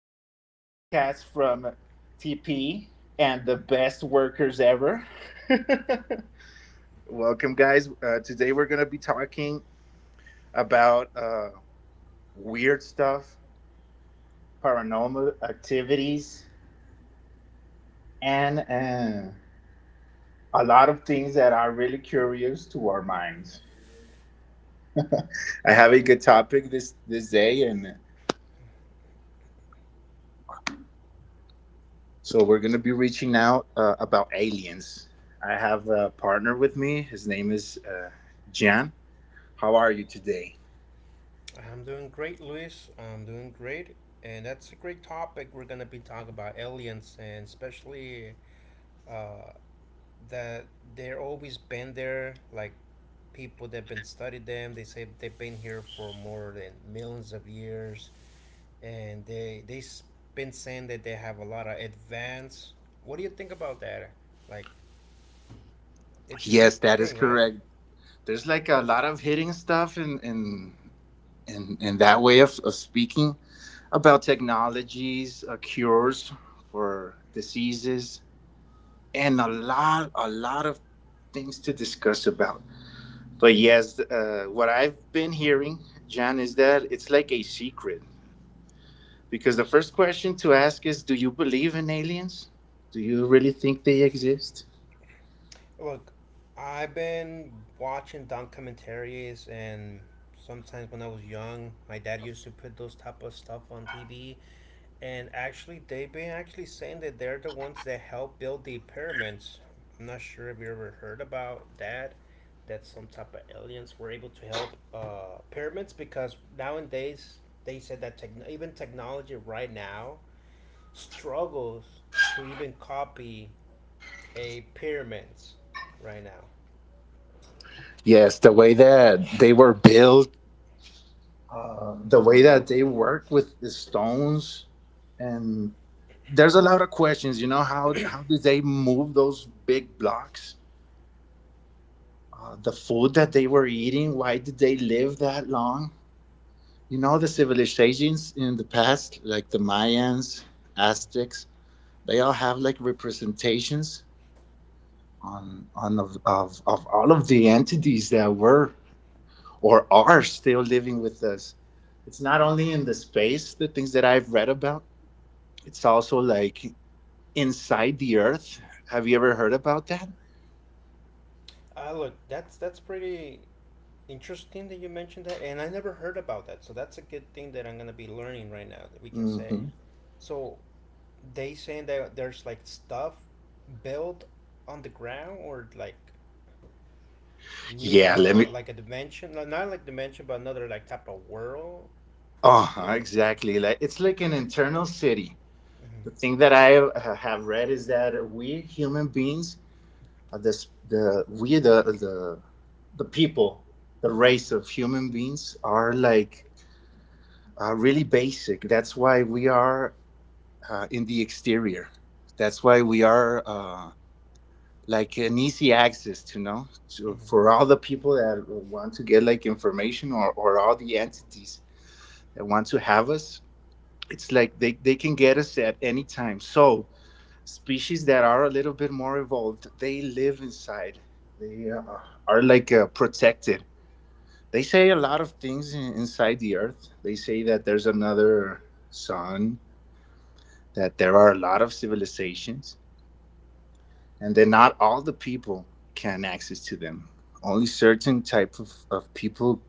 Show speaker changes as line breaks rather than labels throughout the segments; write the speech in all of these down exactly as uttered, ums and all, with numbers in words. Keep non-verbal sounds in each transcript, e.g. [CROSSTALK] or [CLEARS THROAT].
spectacular podcast from T P and the best workers ever. [LAUGHS] Welcome, guys. Uh, today we're going to be talking about uh, weird stuff, paranormal activities, and uh, a lot of things that are really curious to our minds. I have a good topic this this day, and So we're gonna be reaching out uh, about aliens. I have a partner with me. His name is uh, Jan. How are you today?
I'm doing great, Luis. I'm doing great, and that's a great topic. We're gonna be talking about aliens, and especially uh, that they're always been there. Like people that been studied them, they say they've been here for more than millions of years, and they they s- been saying that they have a lot of advance. What do you think about that? Like, it's a good
Yes, that is
thing, right?
correct. There's like a lot of hitting stuff in in in, in that way of, of speaking about technologies, uh, cures for diseases, and a lot a lot of things to discuss about. But yes, uh, what I've been hearing, Jan, is that it's like a secret. Because the first question to ask is, do you believe in aliens? Do you really think they exist?
Look, I've been watching documentaries, and sometimes when I was young, my dad used to put those type of stuff on T V. And actually, they've been actually saying that they're the ones that helped build the pyramids. I'm not sure if you ever heard about that. That some type of aliens were able to help uh, pyramids because nowadays they said that techn even technology right now struggles to even copy a pyramids right now.
Yes, the way that they were built. Uh, the way that they work with the stones, and there's a lot of questions. You know, how how did they move those big blocks? Uh, the food that they were eating. Why did they live that long? You know, the civilizations in the past, like the Mayans, Aztecs. They all have like representations on, on of, of, of all of the entities that were or are still living with us. It's not only in the space, the things that I've read about, it's also like inside the earth. Have you ever heard about that?
Ah, look, that's that's pretty interesting that you mentioned that, and I never heard about that. So that's a good thing that I'm gonna be learning right now that we can say.
hmm
So they saying that there's like stuff built on the ground or like new
Yeah, let
uh
me.
like a dimension, no, not like dimension but another like type of world and,
Oh, exactly. Like, it's like an internal city.
hmm
The thing that I uh, have read is that we human beings are this the we the the the people, the
hmm
race of human beings are like uh, really basic. That's why we are uh, in the exterior. That's why we are uh, like an easy access to know to,
hmm
for all the people that want to get like information, or, or all the entities that want to have us. It's like they, they can get us at any time. So species that are a little bit more evolved, they live inside. They uh, are like uh, protected. They say a lot of things in, inside the earth. They say that there's another sun, that there are a lot of civilizations, and that not all the people can access to them, only certain type of, of people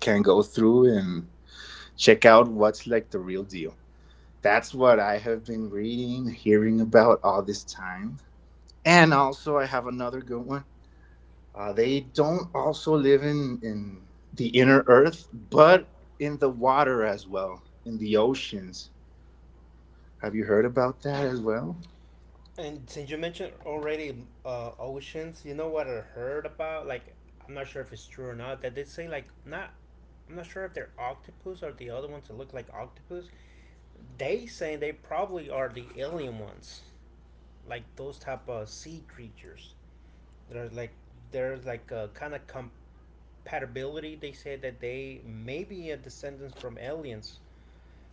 can go through and check out what's like the real deal. That's what I have been reading, hearing about all this time. And also I have another good one. Uh, they don't also live in in the inner earth, but in the water as well, in the oceans. Have you heard about that as well?
and since you mentioned already uh, oceans, you know what I heard about? Like, I'm not sure if it's true or not. That they say like not. I'm not sure if they're octopus or the other ones that look like octopus. They saying they probably are the alien ones, like those type of sea creatures. There's like there's like a kind of compatibility. They say that they may be a descendants from aliens.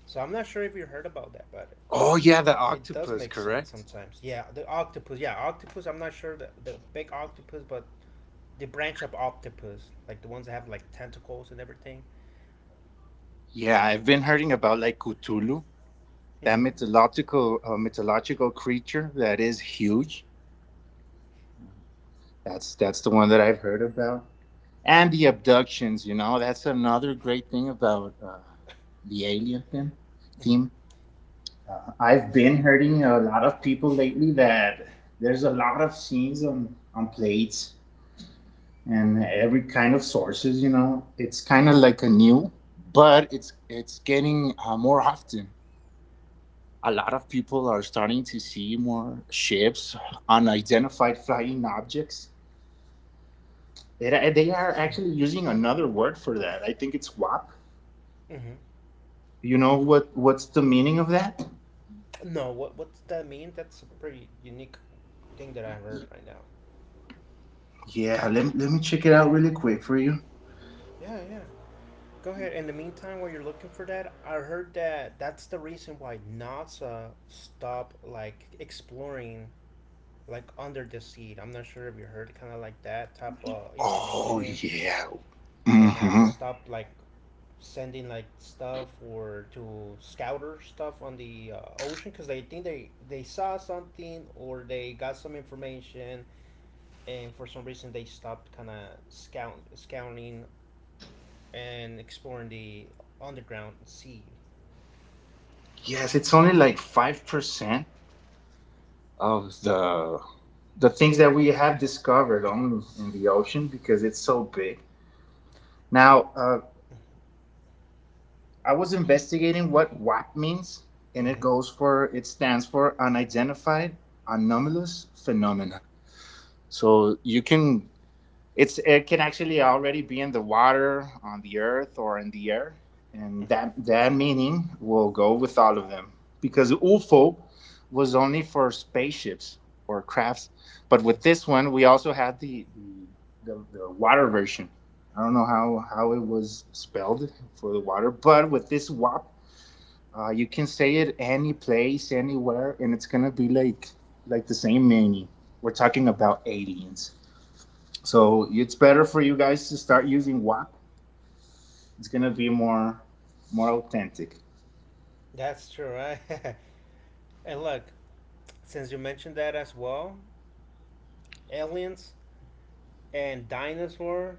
So I'm not sure if you heard about that, but
Oh yeah, the
it does
octopus,
make sense
correct.
sometimes. Yeah, the octopus. Yeah, octopus. I'm not sure the the big octopus, but the branch of octopus, like the ones that have like tentacles and everything.
Yeah, I've been hearing about like Cthulhu, that
Mm-hmm.
mythological uh, mythological creature that is huge. That's that's the one that I've heard about. And the abductions, you know, that's another great thing about uh, the alien theme. Theme.
Mm-hmm.
I've been hearing a lot of people lately that there's a lot of scenes on on plates and every kind of sources. You know, it's kind of like a new, but it's it's getting uh, more often. A lot of people are starting to see more ships, unidentified flying objects. It- they are actually using another word for that. I think it's W A P.
Mm-hmm.
You know what? What's the meaning of that?
No, what what's that mean? That's a pretty unique thing that I heard right now.
Yeah, let, let me check it out really quick for you.
Yeah, yeah. Go ahead. In the meantime, while you're looking for that, I heard that that's the reason why NASA stopped like exploring like under the sea. I'm not sure if you heard kind of like that type of
Oh
information,
yeah.
then that's to
Hmm.
stop like sending like stuff or to scouter stuff on the uh, ocean because they think they they saw something or they got some information, and for some reason they stopped kind of scout scouting and exploring the underground sea.
Yes, it's only like five percent of the the things that we have discovered only in the ocean because it's so big. Now, uh, I was investigating what W A P means, and it
hmm
goes for it stands for unidentified anomalous phenomena. So you can, it's, it can actually already be in the water, on the earth, or in the air, and
hmm
that that meaning will go with all of them, because U F O was only for spaceships or crafts, but with this one we also had the the the, the water version. I don't know how how it was spelled for the water, but with this W A P uh, you can say it any place, anywhere, and it's gonna be like like the same meaning. We're talking about aliens, so it's better for you guys to start using W A P. It's gonna be more more authentic.
that's true, right? [LAUGHS] And look, since you mentioned that as well, aliens and dinosaur,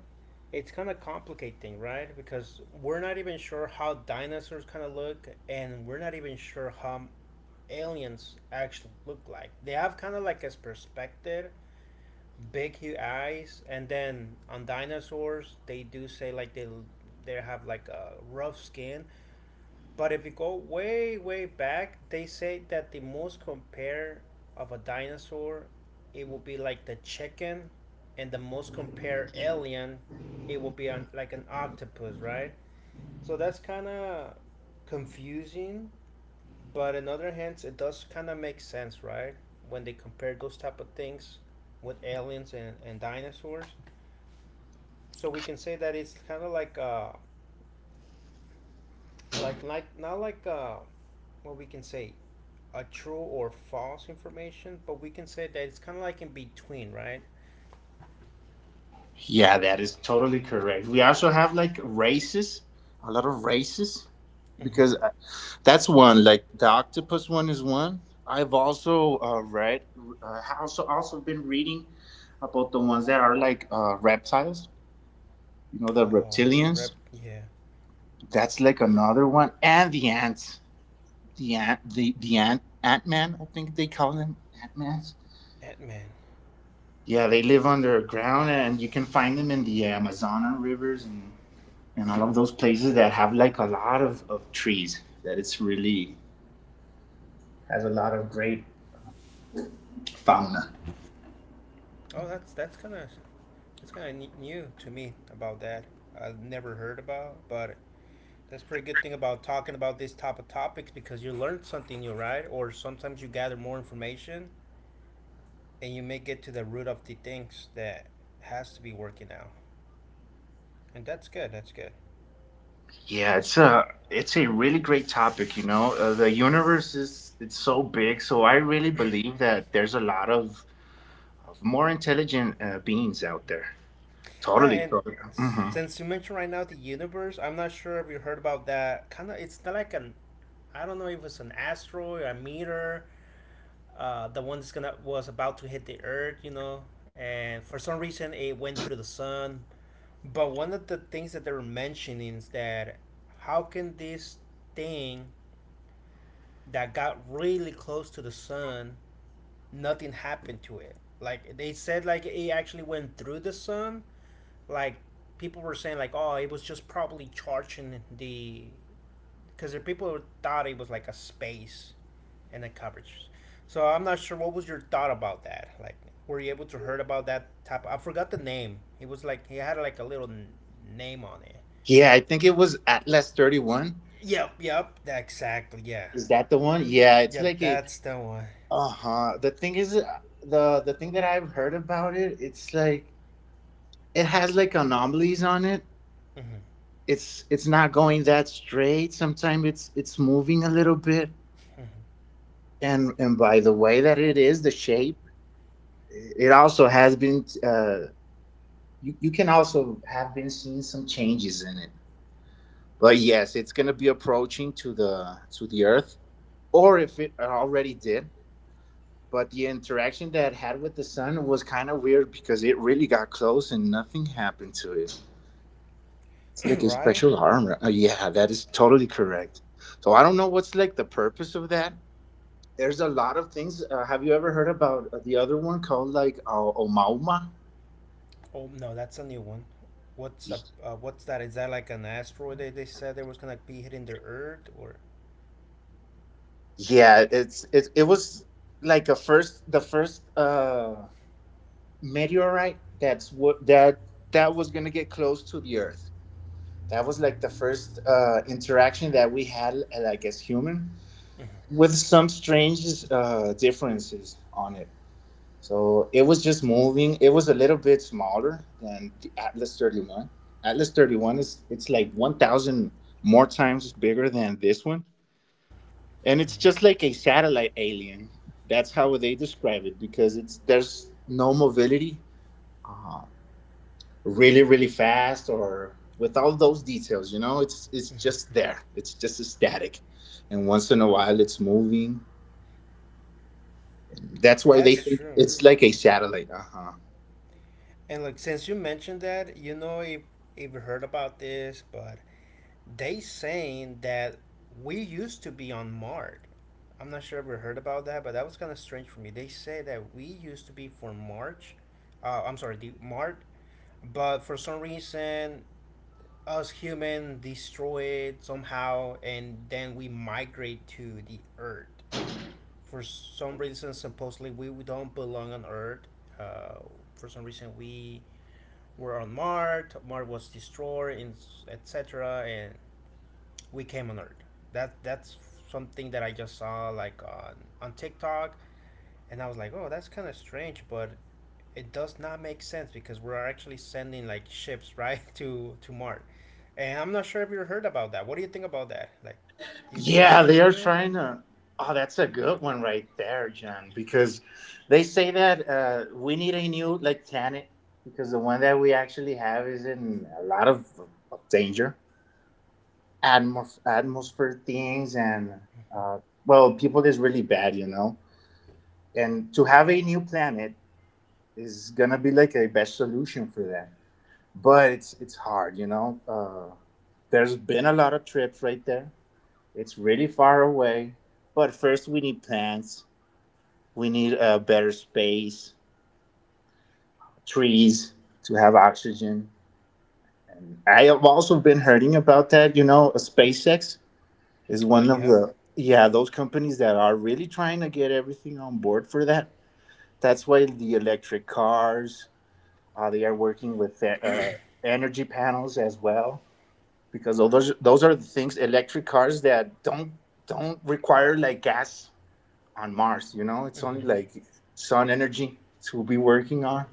it's kind of complicating, right? Because we're not even sure how dinosaurs kind of look and we're not even sure how aliens actually look like. They have kind of like a perspective, big huge eyes, and then on dinosaurs they do say like they they have like a rough skin. But if you go way, way back, they say that the most compare of a dinosaur, it will be like the chicken, and the most compare alien, it will be on like an octopus, right? So that's kind of confusing, but on the other hands, it does kind of make sense, right? When they compare those type of things with aliens and, and dinosaurs, so we can say that it's kind of like a like like not like uh what we can say, a true or false information, but we can say that it's kind of like in between, right?
Yeah, that is totally correct. We also have like races, a lot of races,
Mm-hmm.
because uh, that's one. Like the octopus one is one. I've also uh, read, uh, also also been reading about the ones that are like uh, reptiles. You know, the
Oh, rep,
reptilians.
yeah.
That's like another one. And the ants. The ant the, the ant ant man, I think they call them ant mans.
Ant-man.
Yeah, they live underground and you can find them in the Amazonan rivers, and, and all of those places that have like a lot of, of trees. That it's really has a lot of great fauna.
Oh, that's that's kind of, that's kind of new to me about that. I've never heard about, but that's pretty good thing about talking about this type of topics, because you learn something new, right? Or sometimes you gather more information and you may get to the root of the things that has to be working out. And that's good, that's good.
Yeah, it's a it's a really great topic. You know, uh, the universe is, it's so big, so I really believe that there's a lot of, of more intelligent uh, beings out there.
Yeah,
Totally,
and
totally. Mhm.
since you mentioned right now the universe, I'm not sure if you heard about that. Kind of, it's not like an, I don't know if it's an asteroid or a meteor, uh, the one that's gonna was about to hit the Earth, you know, and for some reason it went through the sun. But one of the things that they were mentioning is that how can this thing that got really close to the sun, nothing happened to it? Like they said, like it actually went through the sun, like people were saying like, oh, it was just probably charging the, because people thought it was like a space and the coverage. So I'm not sure what was your thought about that. Like, were you able to heard about that type? I forgot the name. It was like he had like a little n- name on it.
Yeah, I think it was Atlas thirty-one.
Yep, yep, exactly, yeah.
Is that the one? Yeah, it's
Yeah,
like a,
that's the one.
uh-huh. The thing is, uh, the the thing that I've heard about it, it's like it has like anomalies on it.
Hmm.
It's it's not going that straight. Sometimes it's it's moving a little bit. And and by the way that it is, the shape, it also has been uh you, you can also have been seeing some changes in it. But yes, it's gonna be approaching to the to the earth. Or if it already did, but the interaction that I had with the sun was kind of weird because it really got close and nothing happened to it. It's
[CLEARS THROAT]
like a
Right.
special armor. Uh, yeah, that is totally correct. So I don't know what's like the purpose of that. There's a lot of things. Uh, have you ever heard about uh, the other one called like uh, Omauma?
Oh no, that's a new one. What's up,
Y-
uh, what's that? Is that like an asteroid that they said they was gonna be hitting the earth or,
Yeah, it's it. It was like a first the first uh meteorite, that's what that, that was gonna get close to the Earth. That was like the first uh, interaction that we had, uh, like as human, with some strange uh, differences on it. So it was just moving, it was a little bit smaller than the Atlas thirty-one. Atlas thirty-one is, it's like one thousand more times bigger than this one, and it's just like a satellite alien. That's how they describe it, because it's, there's no mobility. Uh, Really really fast, or with all those details, you know, it's it's just there it's just static, and once in a while it's moving, and that's why
that's
they think
true.
it's like a satellite. Uh-huh.
And like since you mentioned that, you know, if if you heard about this, but they saying that we used to be on Mart. I'm not sure if you heard about that, but that was kind of strange for me. They say that we used to be for March. Uh, I'm sorry, the Mart, but for some reason us human destroy it somehow, and then we migrate to the earth. For some reason supposedly we don't belong on earth, uh, for some reason we were on Mars. Mars was destroyed, and et cetera. And we came on Earth. That that's something that I just saw like on on TikTok, and I was like, oh, that's kind of strange, but it does not make sense because we're actually sending like ships [LAUGHS] right to to Mars. And I'm not sure if you heard about that. What do you think about that? Like, you think it's
Yeah, they are
true?
trying to. Oh, that's a good one right there, John, because they say that uh, we need a new like planet, because the one that we actually have is in a lot of, of danger. Atmos- atmosphere things, and uh, well, people is really bad, you know, and to have a new planet is gonna be like a best solution for that. But it's it's hard, you know. Uh, there's been a lot of trips right there, it's really far away. But first we need plants, we need uh, better space, trees, to have oxygen. And I have also been hearing about that, you know, SpaceX is
Uh,
one of
yeah.
the, yeah, those companies that are really trying to get everything on board for that. That's why the electric cars, Uh, they are working with uh, uh, energy panels as well, because those those are the things, electric cars that don't don't require like gas on Mars. You know, it's only
Hmm.
like sun energy to be working on.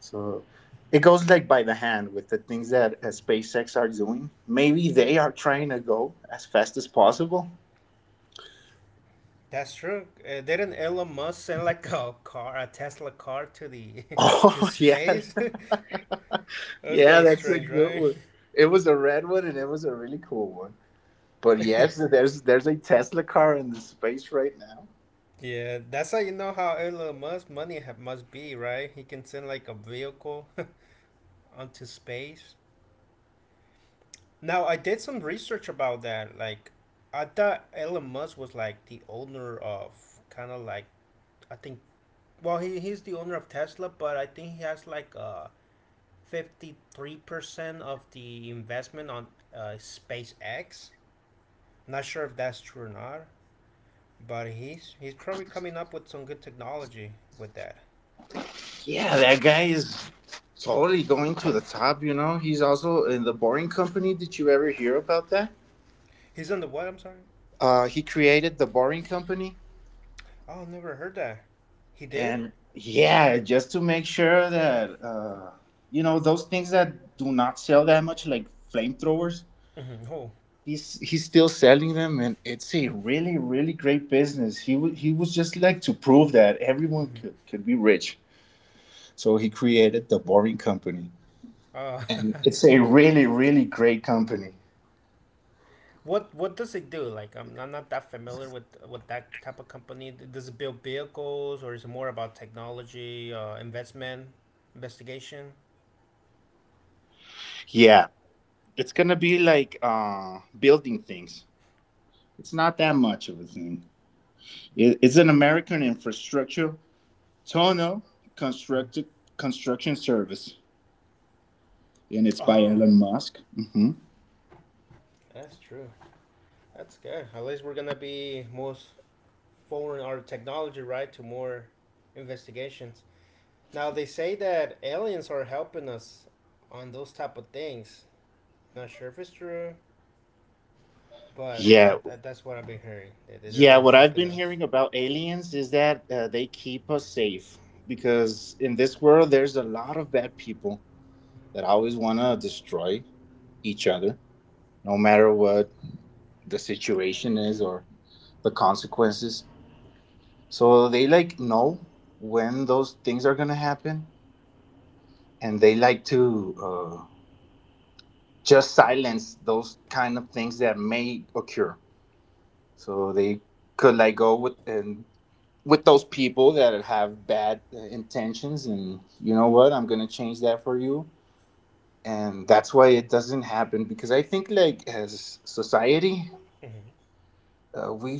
So it goes like by the hand with the things that uh, SpaceX are doing. Maybe they are trying to go as fast as possible. [LAUGHS]
That's true. Uh, didn't Elon Musk send like a car, a Tesla car, to the [LAUGHS] to
Oh yeah,
space? [LAUGHS] That's kind
yeah,
of
that's a
strange,
good
right?
one. It was a red one and it was a really cool one. But yes,
[LAUGHS]
there's there's a Tesla car in the space right now.
Yeah, that's how you know how Elon Musk money ha- must be, right? He can send like a vehicle [LAUGHS] onto space. Now, I did some research about that. Like, I thought Elon Musk was like the owner of kind of like, I think, well, he, he's the owner of Tesla, but I think he has like uh, fifty-three percent of the investment on uh, SpaceX. Not sure if that's true or not. But he's he's probably coming up with some good technology with that.
Yeah, that guy is totally going to the top. You know, he's also in the Boring Company. Did you ever hear about that?
He's on the what? I'm sorry.
Uh, he created the Boring Company,
Oh, never heard that. He did?
and yeah, just to make sure that uh, you know, those things that do not sell that much, like flamethrowers.
Mm-hmm. Oh,
He's he's still selling them, and it's a really really great business. He wa- he was just like to prove that everyone could could be rich. So he created The Boring Company.
uh,
And it's a really, really great company.
[LAUGHS] what what does it do? Like, I'm, I'm not that familiar with with that type of company. Does it build vehicles or is it more about technology, uh, investment, investigation?
Yeah. It's going to be like uh, building things. It's not that much of a thing. It, it's an American infrastructure tunnel constructed
Mm-hmm.
construction service. And it's by
Oh,
Elon Musk. Hmm.
that's true. That's good. At least we're gonna be most forwarding our technology right to more investigations. Now they say that aliens are helping us on those type of things. Not sure if it's true, but I,
Yeah.
I, that's what I've been hearing. That they, they've
Yeah.
been
What I've
helping
been
us.
hearing about aliens is that uh, they keep us safe because in this world, there's a lot of bad people that always want to destroy each other no matter what the situation is or the consequences. So they like know when those things are gonna happen, and they like to uh, just silence those kind of things that may occur. So they could like go with and with those people that have bad uh, intentions, and you know what, I'm gonna change that for you. And that's why it doesn't happen because I think like as society,
Mm-hmm.
uh, we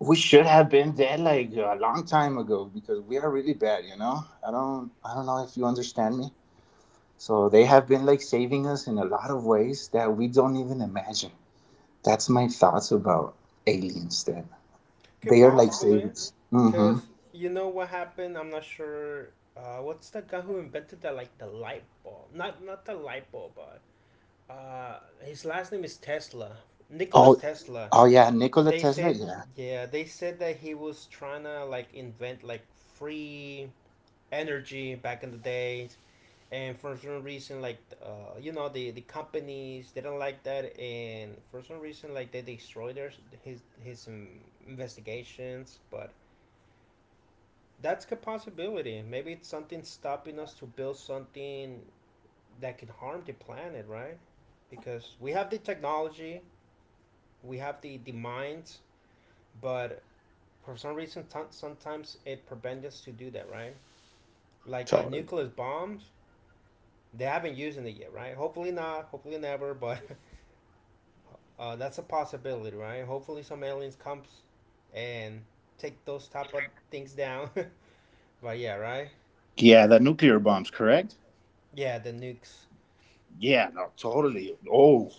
we should have been dead like a long time ago because we are really bad. You know, i don't i don't know if you understand me. So they have been like saving us in a lot of ways that we don't even imagine. That's my thoughts about aliens. Then
Could
they are like
possibly,
saviors. Mm-hmm.
because you know what happened. I'm not sure. Uh, what's the guy who invented that like the light bulb? Not not the light bulb, but uh, his last name is Tesla. Nikola
Oh.
Tesla.
Oh yeah, nikola
They
tesla,
said,
yeah.
yeah, they said that he was trying to like invent like free energy back in the day, and for some reason like uh, you know, the the companies they don't like that, and for some reason like they destroy their his his um, investigations. But that's a possibility, maybe it's something stopping us to build something that can harm the planet, right? Because we have the technology, we have the the minds, but for some reason t- sometimes it prevents us to do that, right? Like the
Totally.
nuclear bombs, they haven't used it yet, right? Hopefully not, hopefully never, but Uh, that's a possibility, right? Hopefully some aliens comes and take those type of things down. [LAUGHS] But yeah, right?
Yeah, the nuclear bombs, correct.
Yeah, the nukes
Yeah, no, totally. Oh,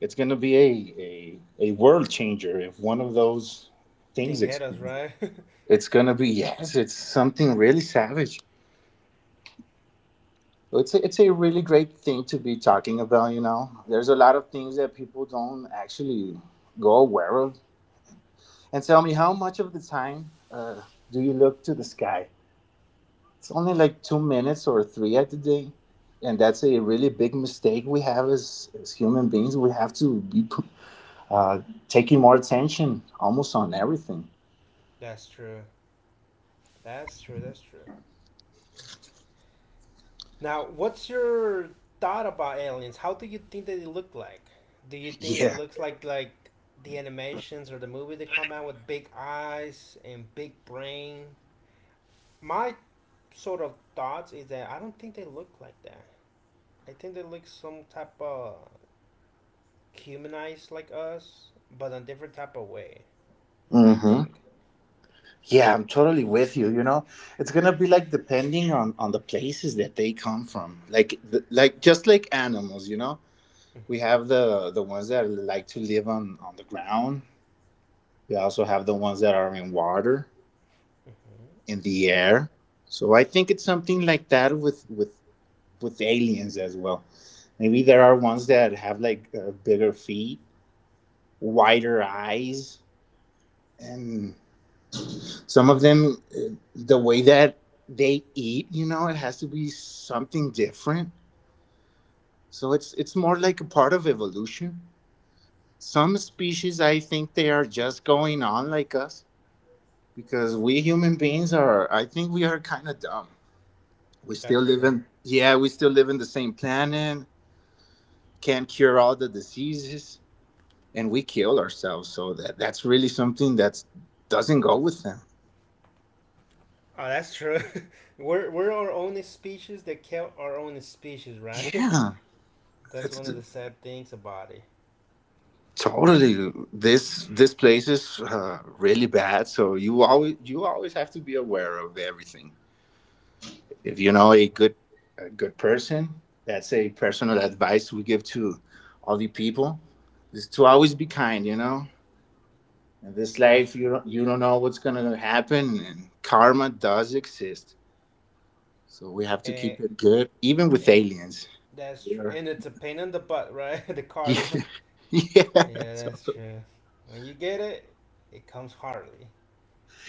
it's gonna be a a, a world changer if one of those
thing
things
hit us,
explodes.
right? [LAUGHS]
It's gonna be, yes. It's something really savage. It's a, it's a really great thing to be talking about. You know, there's a lot of things that people don't actually go aware of. And tell me, how much of the time uh, do you look to the sky? It's only like two minutes or three at the day, and that's a really big mistake we have as as human beings. We have to be uh, taking more attention almost on everything.
That's true. That's true. That's true. Now, what's your thought about aliens? How do you think that they look like? Do you think they
Yeah.
looks like like the animations or the movie they come out with big eyes and big brain? My sort of thoughts is that I don't think they look like that. I think they look some type of humanized like us, but in a different type of way. I
Mhm.
think.
Yeah, I'm totally with you. You know, it's gonna be like depending on on the places that they come from. Like the, like just like animals, you know, we have the the ones that like to live on on the ground. We also have the ones that are in water,
Hmm.
in the air. So I think it's something like that with with with aliens as well. Maybe there are ones that have like uh, bigger feet, wider eyes, and some of them, uh, the way that they eat, you know, it has to be something different. So it's it's more like a part of evolution. Some species, I think, they are just going on like us because we human beings are. I think we are kind of dumb. We still
That's
live
true.
in, yeah, we still live in the same planet. Can't cure all the diseases, and we kill ourselves. So that that's really something that doesn't go with them.
Oh, that's true. [LAUGHS] we're we're our own species that kill our own species, right?
Yeah,
[LAUGHS] That's
that's.
one of the sad things about it.
Totally, this this place is uh, really bad. So you always you always have to be aware of everything. If you know a good a good person, that's a personal advice we give to all the people is to always be kind. You know, in this
That's
life,
true.
you don't you don't know what's gonna happen, and karma does exist. So we have to
And
keep it good, even with
and
aliens.
that's true.
Yeah,
And it's a pain in the butt, right? [LAUGHS] The
[LAUGHS]
karma.
yeah,
Yeah,
so.
that's true. When you get it, it comes hardly.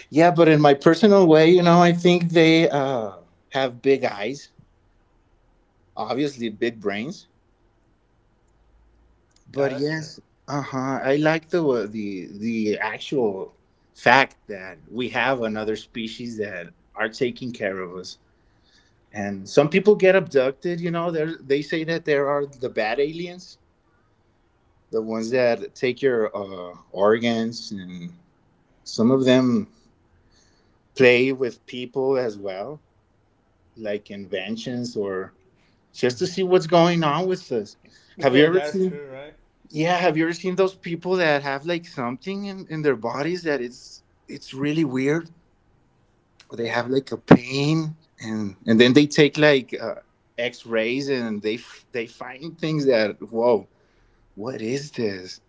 Yeah, but in my personal way, you know, I think they uh, have big eyes, obviously big brains.
Yeah,
But
that's true. [LAUGHS]
yes, uh huh. I like the uh, the the actual fact that we have another species that are taking care of us. And some people get abducted. You know, they they say that there are the bad aliens, the ones that take your uh, organs, and some of them play with people as well, like inventions or just to see what's going on with this. Have you
Yeah,
ever
that's
seen?
true, right?
Yeah, have you ever seen those people that have like something in, in their bodies that it's it's really weird, or they have
Yeah,
like a pain, and and then they take like uh, X rays and they f- they find things that whoa, what is this?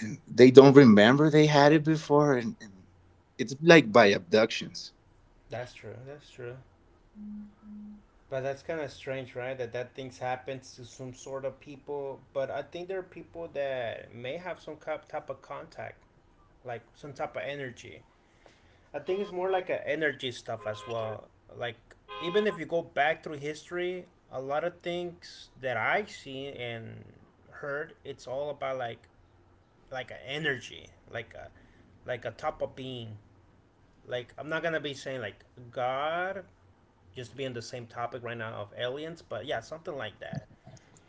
And they don't remember they had it before, and, and it's like by abductions.
that's true. That's true. But that's kind of strange, right? That that things happens to some sort of people. But I think there are people that may have some cap- type of contact, like some type of energy. I think it's more like a energy stuff as well. Like even if you go back through history, a lot of things that I see and heard, it's all about like like an energy, like a like a type of being. Like I'm not gonna be saying like God, just being the same topic right now of aliens, but yeah, something like that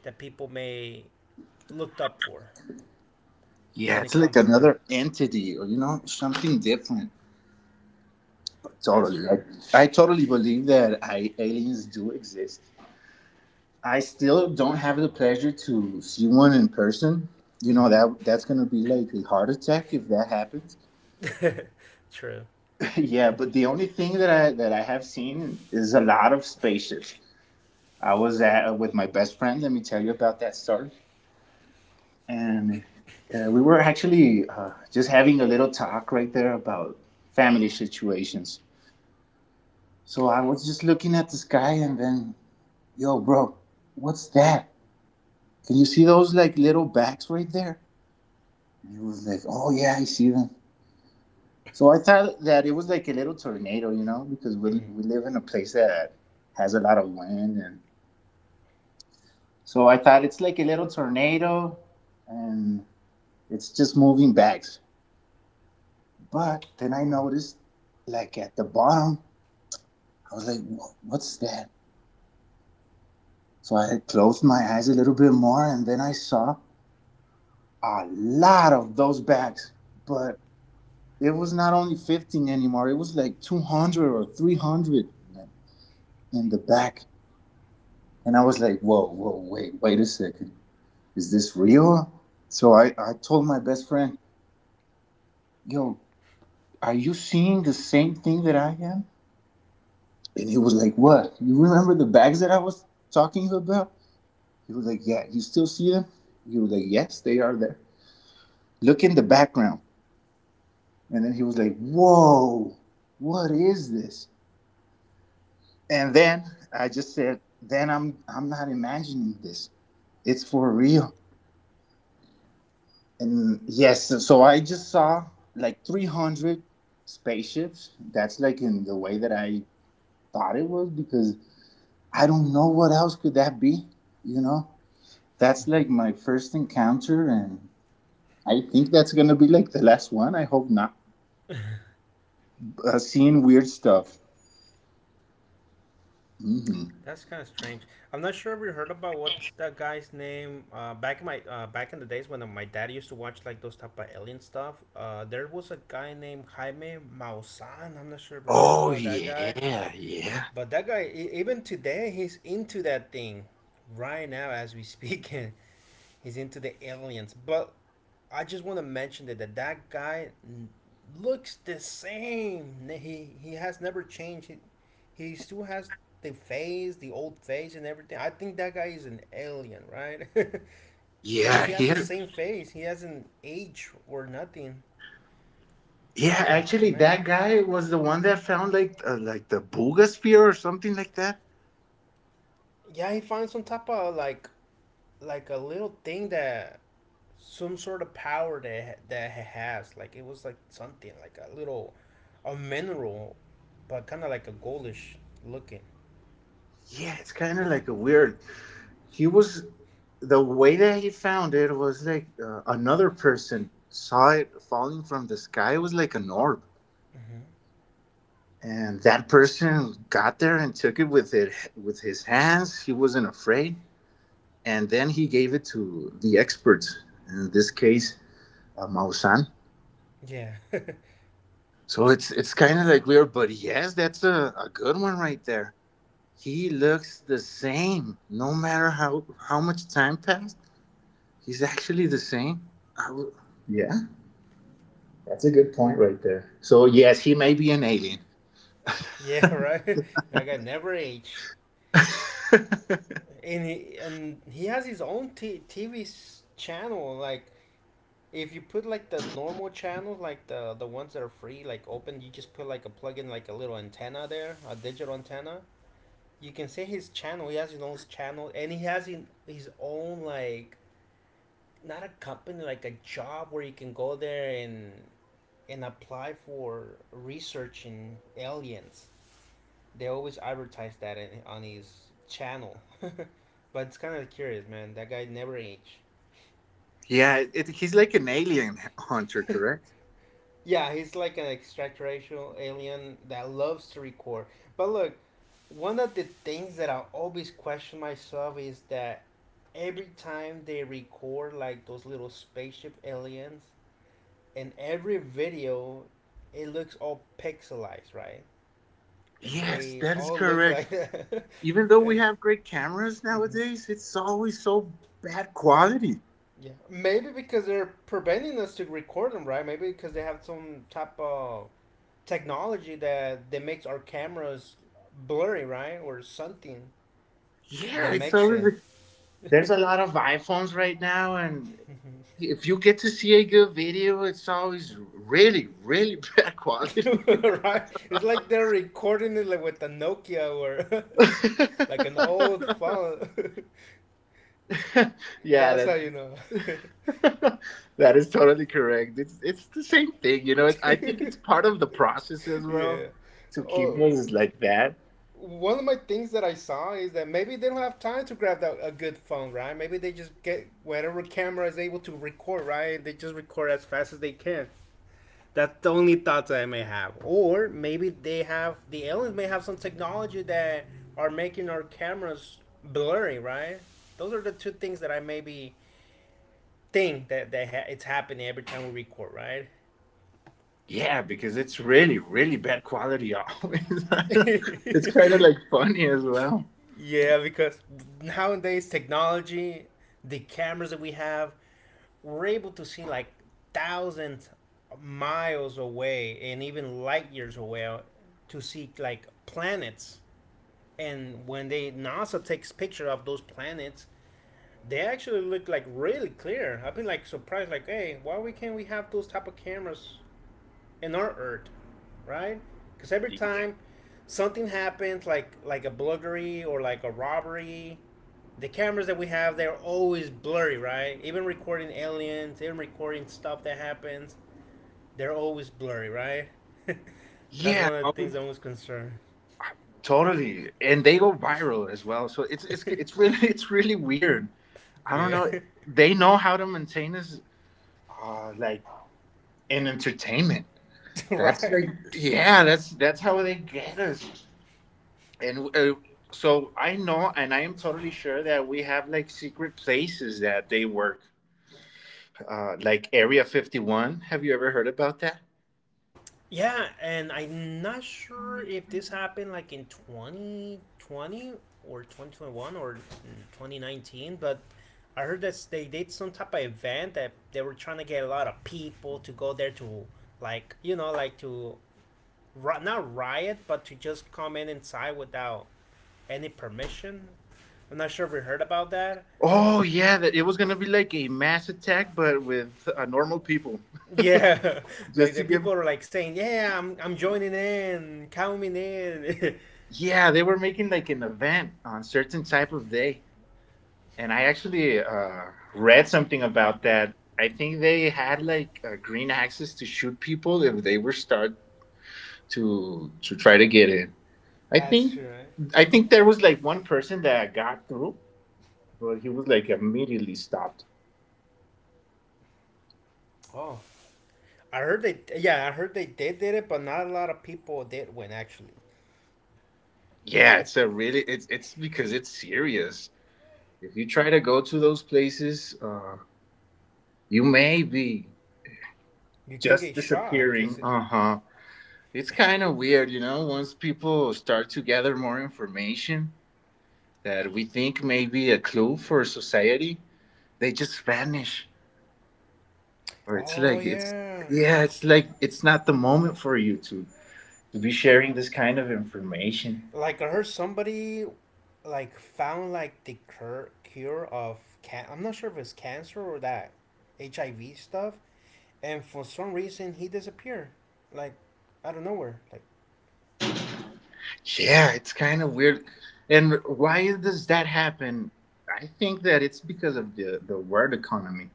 that people may looked up for
Yeah,
when
it's
it
like
comes to the.
another entity, or you know, something different.
That's
Totally.
true.
Like, I totally believe that I, aliens do exist. I still don't have the pleasure to see one in person. You know that that's gonna be like a heart attack if that happens.
True.
[LAUGHS] yeah, but the only thing that I that I have seen is a lot of spaceships. I was at with my best friend. Let me tell you about that story. And uh, we were actually uh, just having a little talk right there about family situations. So I was just looking at the sky, and then yo, bro, what's that? Can you see those like little bags right there? And he was like, oh yeah, I see them. So I thought that it was like a little tornado, you know, because we, we live in a place that has a lot of wind. And so I thought it's like a little tornado and it's just moving bags. But then I
Oh.
noticed like at the bottom, I was like, what's that? So I had closed my eyes a little bit more and then I saw a lot of those bags, but it was not only fifteen anymore, it was like two hundred or three hundred, like, in the back. And I was like, whoa, whoa, wait, wait a second. Is this real? So I, I told my best friend, yo, are you seeing the same thing that I am? And he was like, what? You remember the bags that I was talking about? He was like, yeah, you still see them? He was like, yes, they are there. Look in the background. And then he was like, whoa, what is this? And then I just said, then I'm I'm not imagining this. It's for real. And yes, so I just saw like three hundred spaceships. That's like in the way that I thought it was because I don't know what else could that be, you know? That's like my first encounter, and I think that's going to be like the last one. I hope not. Uh, seeing weird stuff. Hmm.
That's kind of strange. I'm not sure if you heard about what's that guy's name. Uh, back in my uh, back in the days when my dad used to watch like those type of alien stuff. Uh, there was a guy named Jaime Maussan. I'm not sure if you heard
Oh
about that guy,
yeah, yeah,
but that guy e- even today he's into that thing right now as we speak. [LAUGHS] He's into the aliens, but I just want to mention that, that that guy n- looks the same. He he has never changed. He, he still has the face, the old face, and everything. I think that guy is an alien, right? [LAUGHS]
yeah.
Because he has the
Here,
same face. He hasn't aged or nothing. I
yeah,
was like, oh
actually,
man.
that guy was the one that found like uh, like the boogosphere or something like that.
Yeah, he finds some type of like like a little thing that some sort of power that that he has. Like it was like something like a little a mineral, but kind of like a goldish looking.
Yeah, it's kind of like a weird. He was, the way that he found it was like uh, another person saw it falling from the sky. It was like an orb, and that person got there and took it with it with his hands. He wasn't afraid, and then he gave it to the experts. In this case, uh, Mausan.
Yeah,
So it's it's kind of like weird, but yes, that's a, a good one right there. He looks the same, no matter how how much time passed. He's actually the same. I w- yeah, that's a good point right there. So yes, he may be an alien.
[LAUGHS] yeah, right. [LAUGHS] That guy never age, and he and he has his own t- TV s- channel. Like if you put like the normal channels, like the the ones that are free, like open, you just put like a plug in, like a little antenna there, a digital antenna. You can see his channel. He has his own channel, and he has in, his own like not a company, like a job where you can go there and and apply for researching aliens. They always advertise that in, on his channel. [LAUGHS] But it's kind of curious, man. That guy never aged.
Yeah, it, he's like an alien [LAUGHS] hunter, correct?
[LAUGHS] Yeah, he's like an extraterrestrial alien that loves to record. But look, one of the things that I always question myself is that every time they record like those little spaceship aliens, in every video it looks all pixelized, right?
Yes,
They
that is
all look
correct.
like that.
Even though we
[LAUGHS]
have great cameras
And, [LAUGHS]
nowadays, it's always so bad quality.
yeah, maybe because they're preventing us to record them, right? Maybe because they have some type of technology that that makes our cameras blurry, right, or something
Yeah,
that
it's
makes
always.
it.
Like, there's a lot of iPhones right now, and
[LAUGHS]
if you get to see a good video, it's always really, really bad quality. [LAUGHS]
Right. It's like they're recording it like with a Nokia or
[LAUGHS]
[LAUGHS] like an old phone. [LAUGHS]
yeah,
That's
that
how you know.
[LAUGHS] that is totally correct. It's it's the same thing, you know. It, I think it's part
[LAUGHS]
of the process as well
Yeah.
to keep
Oh,
us like that.
one of my things that I saw is that maybe they don't have time to grab that, a good phone, right? Maybe they just get whatever camera is able to record, right? They just record as fast as they can. That's the only thoughts I may have. Or maybe they have the aliens may have some technology that are making our cameras blurry, right? Those are the two things that I maybe think that that ha- it's happening every time we record, right?
Yeah, because it's really really bad quality always. [LAUGHS] it's kind of like
[LAUGHS]
funny as well.
Yeah, because nowadays technology, the cameras that we have, we're able to see like thousands of miles away and even light years away to see like planets, and when they NASA takes picture of those planets, they actually look like really clear. I've been like surprised, like hey, why we can't we have those type of cameras in our earth, right? Because every time something happens, like like a burglary or like a robbery, the cameras that we have, they're always blurry, right? Even recording aliens, even recording stuff that happens, they're always blurry, right? [LAUGHS] That's
Yeah,
one of the
oh,
things I'm most concerned.
totally. And they go viral as well. So it's it's it's really [LAUGHS] it's really weird.
[LAUGHS]
I don't
Yeah,
know. They know how to maintain us uh, like in entertainment.
[LAUGHS]
That's like,
right.
yeah, that's that's how they get us. And uh, so I know, and I am totally sure that we have like secret places that they work, uh, like Area Fifty One. Have you ever heard about that?
Yeah, and I'm not sure if this happened like in twenty twenty or twenty twenty-one or twenty nineteen, but I heard that they did some type of event that they were trying to get a lot of people to go there to, like, you know, like to ri- not riot, but to just come in inside without any permission. I'm not sure if we heard about that.
Oh yeah, that it was gonna be like a mass attack, but with uh, normal people. [LAUGHS]
Yeah, [LAUGHS] like
Just
the
to give.
people are like saying, "Yeah, I'm I'm joining in, count me in."
Yeah, they were making like an event on certain type of day, and I actually uh, read something about that. I think they had like uh, green access to shoot people if they were start to to try to get in.
[LAUGHS]
I
That's
think
true, right?
I think there was like one person that got through, but he was like immediately stopped.
Oh, I heard they, yeah, I heard they did did it, but not a lot of people did win. Actually,
Yeah, it's a really it's it's because it's serious. If you try to go to those places, uh, you may be
you can
just
get shot
disappearing.
because,
Uh huh. It's kind of weird, you know. Once people start to gather more information that we think may be a clue for society, they just vanish. Or it's
oh
like it's
yeah,
yeah, it's like it's not the moment for you to to be sharing this kind of information.
like I heard somebody, like found like the cur- cure of can. I'm not sure if it's cancer or that, H I V stuff, and for some reason he disappeared, like out of nowhere. Like
Yeah, it's kind of weird. And why does that happen? I think that it's because of the, the world economy.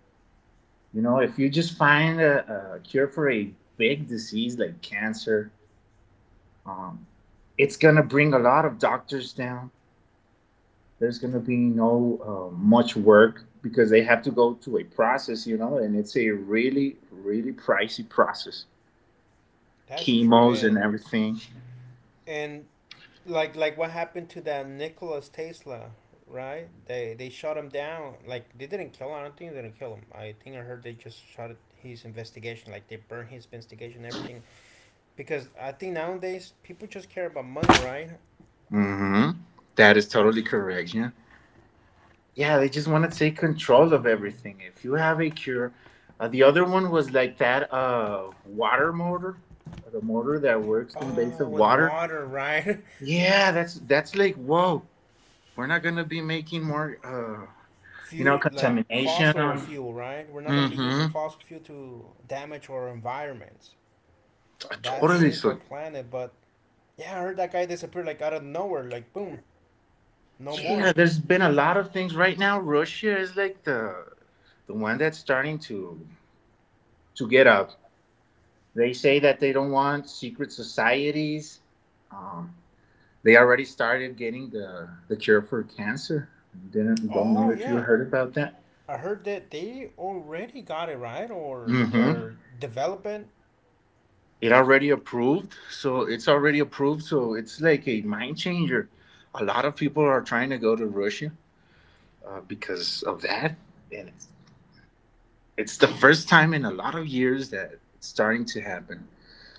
You know, if you just find a, a cure for a big disease like cancer, um, it's going to bring a lot of doctors down. There's going to be no uh, much work because they have to go to a process, you know, and it's a really, really pricey process.
that's true,
Chemos and
and
everything.
and like like what happened to that Nikola Tesla, right? They they shot him down. Like they didn't kill him. I don't think they didn't kill him. I think I heard they just shot his investigation. Like they burned his investigation, and everything. Because I think nowadays people just care about money, right?
Hmm. That is totally
That's
correct. Yeah. Yeah, they just want to take control of everything. If you have a cure, uh, the other one was like that uh water motor, uh, the motor that works in base
oh
of
with
water.
water, right? [LAUGHS]
Yeah, that's that's like whoa. We're not gonna be making more, uh, you know,
Fuel like
contamination.
fossil fuel, right? We're not gonna be
Mm-hmm.
using
Uh,
fossil fuel to damage our environments. That
Totally.
saves our
So
planet. But yeah, I heard that guy disappeared like out of nowhere, like boom, no more.
yeah, there's been a lot of things right now. Russia is like the the one that's starting to to get up. They say that they don't want secret societies. Um, they already started getting the, the cure for cancer. Didn't don't know
Oh
if you
yeah,
heard about that.
I heard that they already got it, right, or
Mm-hmm.
they're developing.
It already approved, so it's already approved. So it's like a mind changer. A lot of people are trying to go to Russia uh, because of that, and it's, it's the first time in a lot of years that it's starting to happen.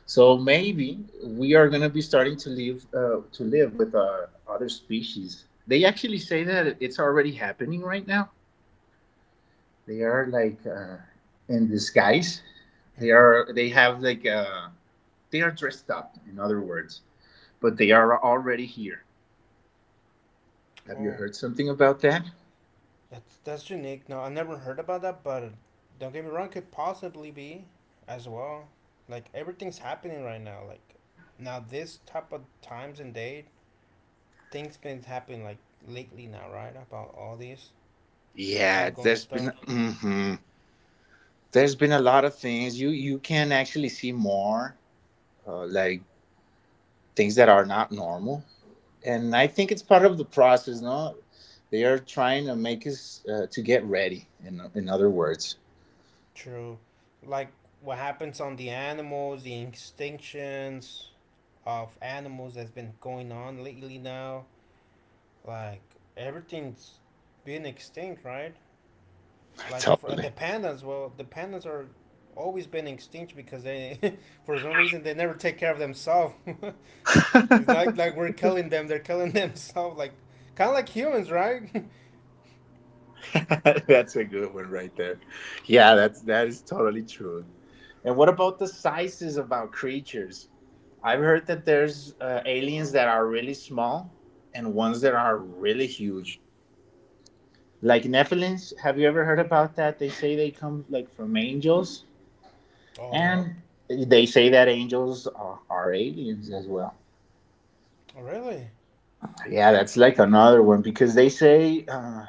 So maybe we are gonna be starting to live uh, to live with uh, other species. They actually say that it's already happening right now. They are like uh, in disguise. They are
Mm-hmm.
they have like uh, they are dressed up. In other words, but they are already here. Have you
Oh,
heard something about that?
that's that's unique. No, I never heard about that, but don't get me wrong, could possibly be as well. Like everything's happening right now. Like now, this type of times and date, things been happening like lately now, right? About all these
Yeah,
outgoing
there's been
stuff.
mhm. there's been a lot of things. You you can actually see more. Uh, like things that are not normal. And I think it's part of the process, no? They are trying to make us uh, to get ready, in, in other words.
True. Like what happens on the animals, the extinctions of animals that's been going on lately now. Like everything's been extinct, right? Like a a the
Totally.
pandas, well, the pandas are always been extinct because they, [LAUGHS] for some reason, they never take care of themselves. [LAUGHS] It's not
[LAUGHS]
like we're killing them; they're killing [LAUGHS] themselves. Like kind of like humans, right? [LAUGHS]
that's a good one right there. Yeah, that's that is totally true. And what about the sizes of our creatures? I've heard that there's uh, aliens that are really small and ones that are really huge. Like Nephilims, have you ever heard about that? They say they come like from angels.
Oh, yep.
And they say that angels are, are aliens as well.
Oh, really?
Yeah, that's like another one because they say uh,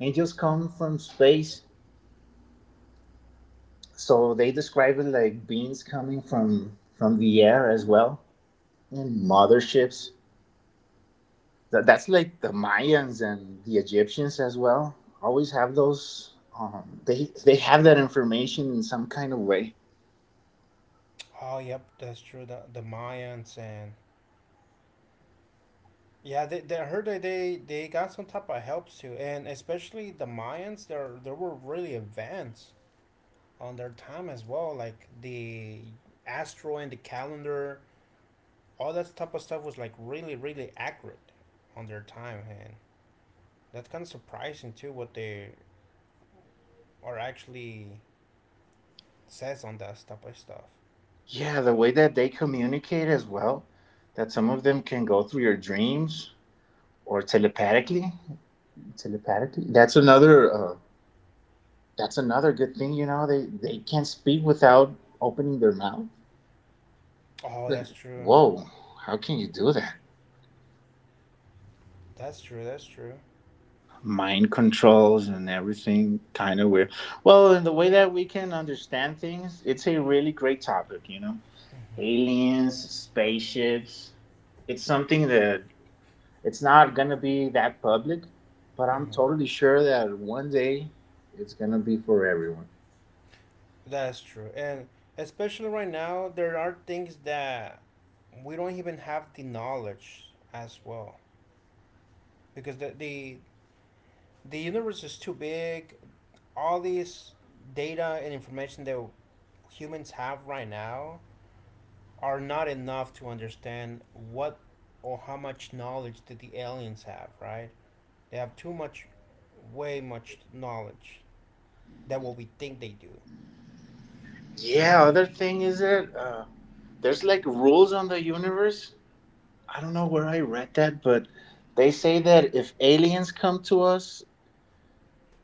angels come from space, so they describe it like beings coming from from the air as well, and motherships. That, that's like the Mayans and the Egyptians as well. Always have those. Um, they they have that information in some kind of way.
Oh, yep. That's true. The, the Mayans and yeah, they, they I heard that they, they got some type of helps too, and especially the Mayans, they're they were really advanced on their time as well. Like the astro and the calendar, all that type of stuff was like really really accurate on their time, and that's kind of surprising too. What they are actually says on that type of stuff.
Yeah, the way that they communicate as well. That some of them can go through your dreams or telepathically telepathically that's another uh, that's another good thing, you know they they can't speak without opening their mouth.
Oh, that's true.
Whoa, how can you do that?
That's true. That's true.
Mind controls and everything, kind of weird. Well, in the way that we can understand things, it's a really great topic. You know
Hmm.
aliens, spaceships, it's something that it's not gonna be that public, but I'm
Hmm.
totally sure that one day it's gonna be for everyone.
That's true. And especially right now, there are things that we don't even have the knowledge as well. Because the, the, the universe is too big. All these data and information that humans have right now are not enough to understand what or how much knowledge did the aliens have, right? They have too much, way much knowledge that what we think they do.
Yeah, other thing is that uh, there's like rules on the universe. I don't know where I read that, but they say that if aliens come to us,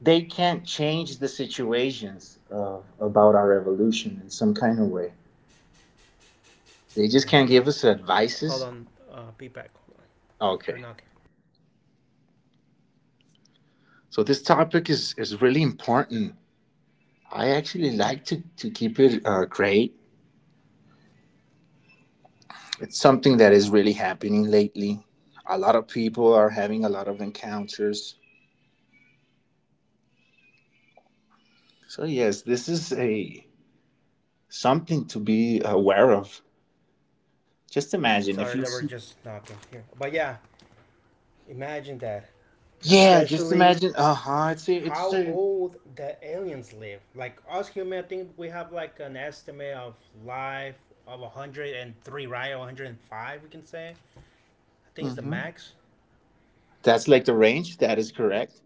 they can't change the situations uh, about our evolution in some kind of way. They just
Yeah.
can't give us
Hold
advices.
on, uh, be back. Hold on. They're
Okay,
knocking.
so this topic is, is really important. I actually like to, to keep it uh, great. It's something that is really happening lately. A lot of people are having a lot of encounters. So yes, this is a something to be aware of. Just imagine if
Sorry
you
that we're
see-
just knocking here. But yeah, imagine that.
Yeah, just
Especially
imagine. Uh-huh. It's a, it's
how
a
old the aliens live. Like us human, I think we have like an estimate of life of one hundred three, right? Or one hundred five, we can say. I think it's the
Hmm.
max.
That's like the range. That is correct.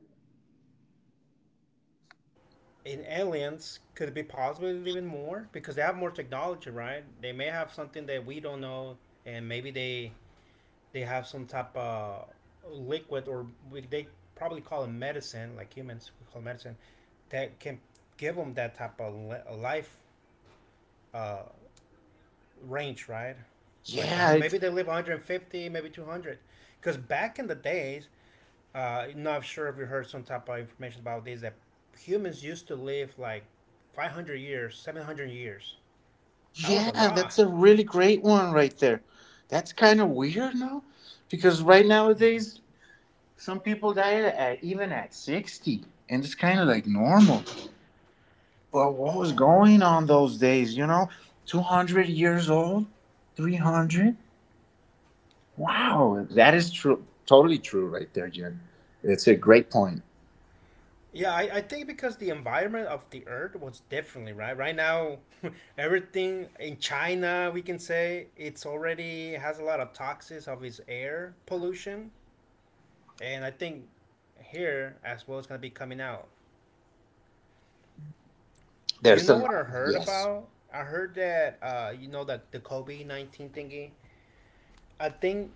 In aliens, could it be possibly even more? Because they have more technology, right? They may have something that we don't know, and maybe they they have some type of liquid or we, they probably call it medicine, like humans we call medicine, that can give them that type of life uh, range, right? Like uh,
Yeah, it,
maybe they live one hundred fifty, maybe two hundred, because back in the days, uh, not sure if you heard some type of information about this, that humans used to live like five hundred years, seven hundred years. That was a
yeah,
lot.
that's a really great one right there. That's kind of weird now because right nowadays some people die at, even at sixty and it's kind of like normal. But what was
Oh
going on those days, you know? two hundred years old? three hundred? Wow, that is true. Totally true, right there, Jen. It's a great point.
yeah, I, I think because the environment of the earth was differently, right? Right now, [LAUGHS] everything in China, we can say it's already has a lot of toxins of its air pollution. And I think here as well is going to be coming out. You
There's a
know what I
lot.
heard
Yes.
about? I heard that, uh, you know, that the COVID nineteen thingy, I think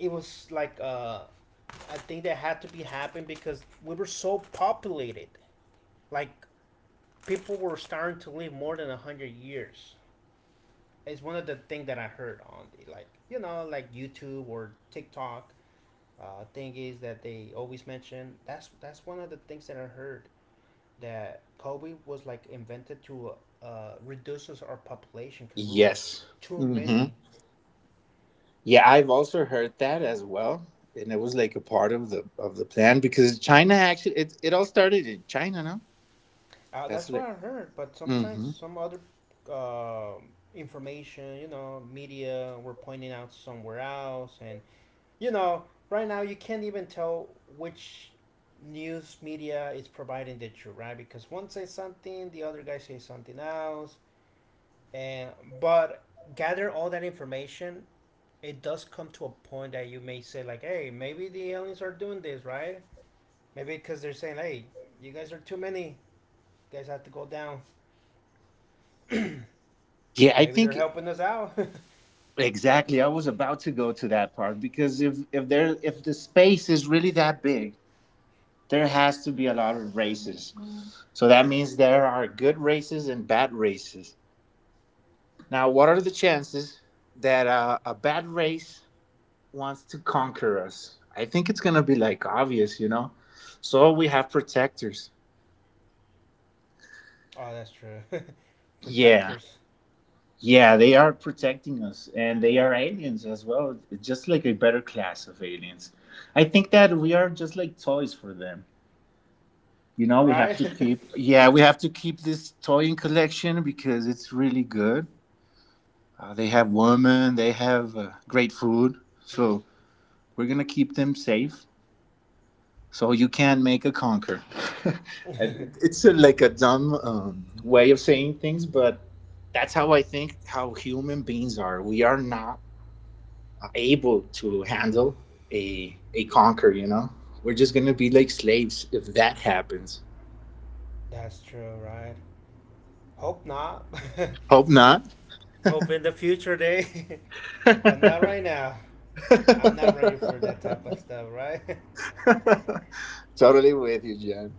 it was like, uh, I think that had to be happened because we were so populated. Like, people were starting to live more than a hundred years. It's one of the things that I heard on the, like, you know like, YouTube or TikTok uh, thing, is that they always mention that's that's one of the things that I heard, that kobe was like invented to uh, reduces our population because we were like
Yes.
too
Hmm.
many.
Yeah, I've also heard that as well, and it was like a part of the of the plan because China actually it it all started in China, no?
Uh,
That's
that's
like.
what I heard, but sometimes
Hmm.
some other uh, information, you know media were pointing out somewhere else. And you know, right now you can't even tell which news media is providing the truth, right? Because one says something, the other guy says something else, and but gather all that information. It does come to a point that you may say like, "Hey, maybe the aliens are doing this, right? Maybe because they're saying, hey, you guys are too many. You guys have to go down.
Yeah, I
Maybe they're
think
helping us out.' [LAUGHS]
exactly. I was about to go to that part because if if there if the space is really that big, there has to be a lot of races. So that means there are good races and bad races. Now, what are the chances that uh, a bad race wants to conquer us? I think it's gonna be like obvious, you know. So we have protectors.
Oh, that's true. [LAUGHS]
Yeah,
Protectors,
yeah, they are protecting us, and they are aliens as well, just like a better class of aliens. I think that we are just like toys for them. You know, we have
right?
to keep. Yeah, we have to keep this toying collection because it's really good. Uh, they have women, they have uh, great food, so we're gonna keep them safe. So you can make a conquer. [LAUGHS]
[LAUGHS]
it's a, like a dumb um, way of saying things, but that's how I think how human beings are. We are not able to handle a a conquer. You know, we're just gonna be like slaves if that happens.
That's true, right? Hope not. [LAUGHS]
Hope not.
Hope in the future day, [LAUGHS] but not
[LAUGHS]
right now. I'm not ready for that type of stuff, right?
totally with you, Jen.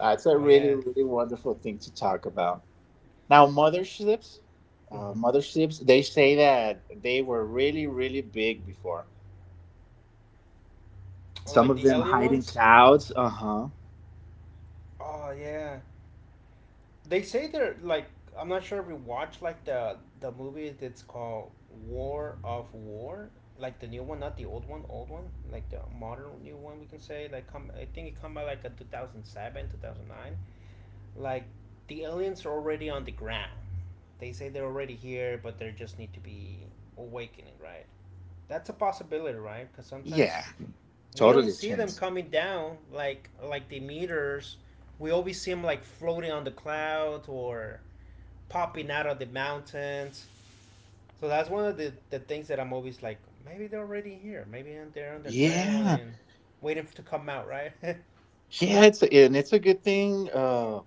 That's a
[LAUGHS] But
really
yeah,
really wonderful thing to talk about. Now, motherships, uh,
mm-hmm.
motherships, they say that they were really, really big before.
Or
Some
like
of
the
them
alien
hide in
ones.
clouds. Uh huh.
Oh yeah, they say they're like, I'm not sure if you watch like the the movie that's called War of War, like the new one, not the old one, old one, like the modern new one, we can say. Like, come, I think it come out like in two thousand seven, two thousand nine. Like, the aliens are already on the ground. They say they're already here, but they just need to be awakening, right? That's a possibility, right? Because
Yeah,
sometimes we don't
totally a
see them
chance.
coming down like like the meteors. We always see them like floating on the clouds or popping out of the mountains. So that's one of the, the things that I'm always like, maybe they're already here. Maybe they're underground
Yeah.
and waiting to come out, right? [LAUGHS]
Yeah, it's a, and it's a good thing uh,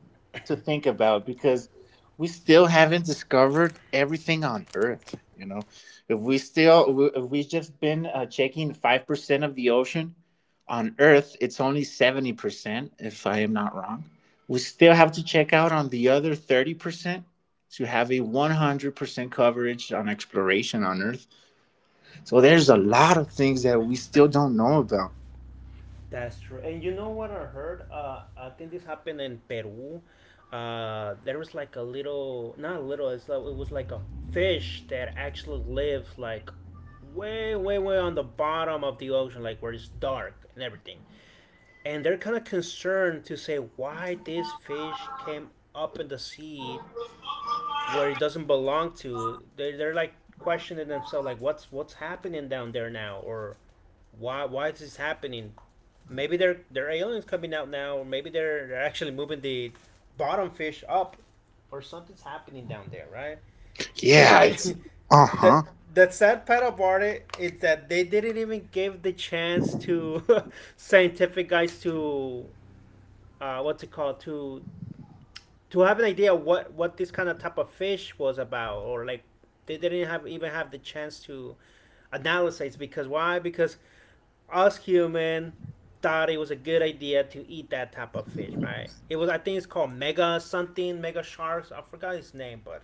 to think about because we still haven't discovered everything on Earth. You know, if we still if we've just been uh, checking five percent of the ocean on Earth, it's only seventy percent, if I am not wrong. We still have to check out on the other thirty percent to have a one hundred percent coverage on exploration on Earth. So there's a lot of things that we still don't know about.
That's true. And you know what I heard? Uh, I think this happened in Peru. Uh, there was like a little, not a little. It's like, it was like a fish that actually lives like way, way, way on the bottom of the ocean, like where it's dark and everything. And they're kind of concerned to say why this fish came up in the sea where it doesn't belong to. They're, they're like questioning themselves, like what's what's happening down there now, or why why is this happening? Maybe they're they're aliens coming out now, or maybe they're they're actually moving the bottom fish up, or something's happening down there, right?
Yeah, right. it's
And
Uh
[LAUGHS]
huh.
that, the sad part about it is that they didn't even give the chance to [LAUGHS] scientific guys to, uh, what's it called, to to have an idea what what this kind of type of fish was about, or like they didn't have even have the chance to analyze, because why? Because us human thought it was a good idea to eat that type of fish, right? It was, I think it's called mega something, mega sharks. I forgot its name, but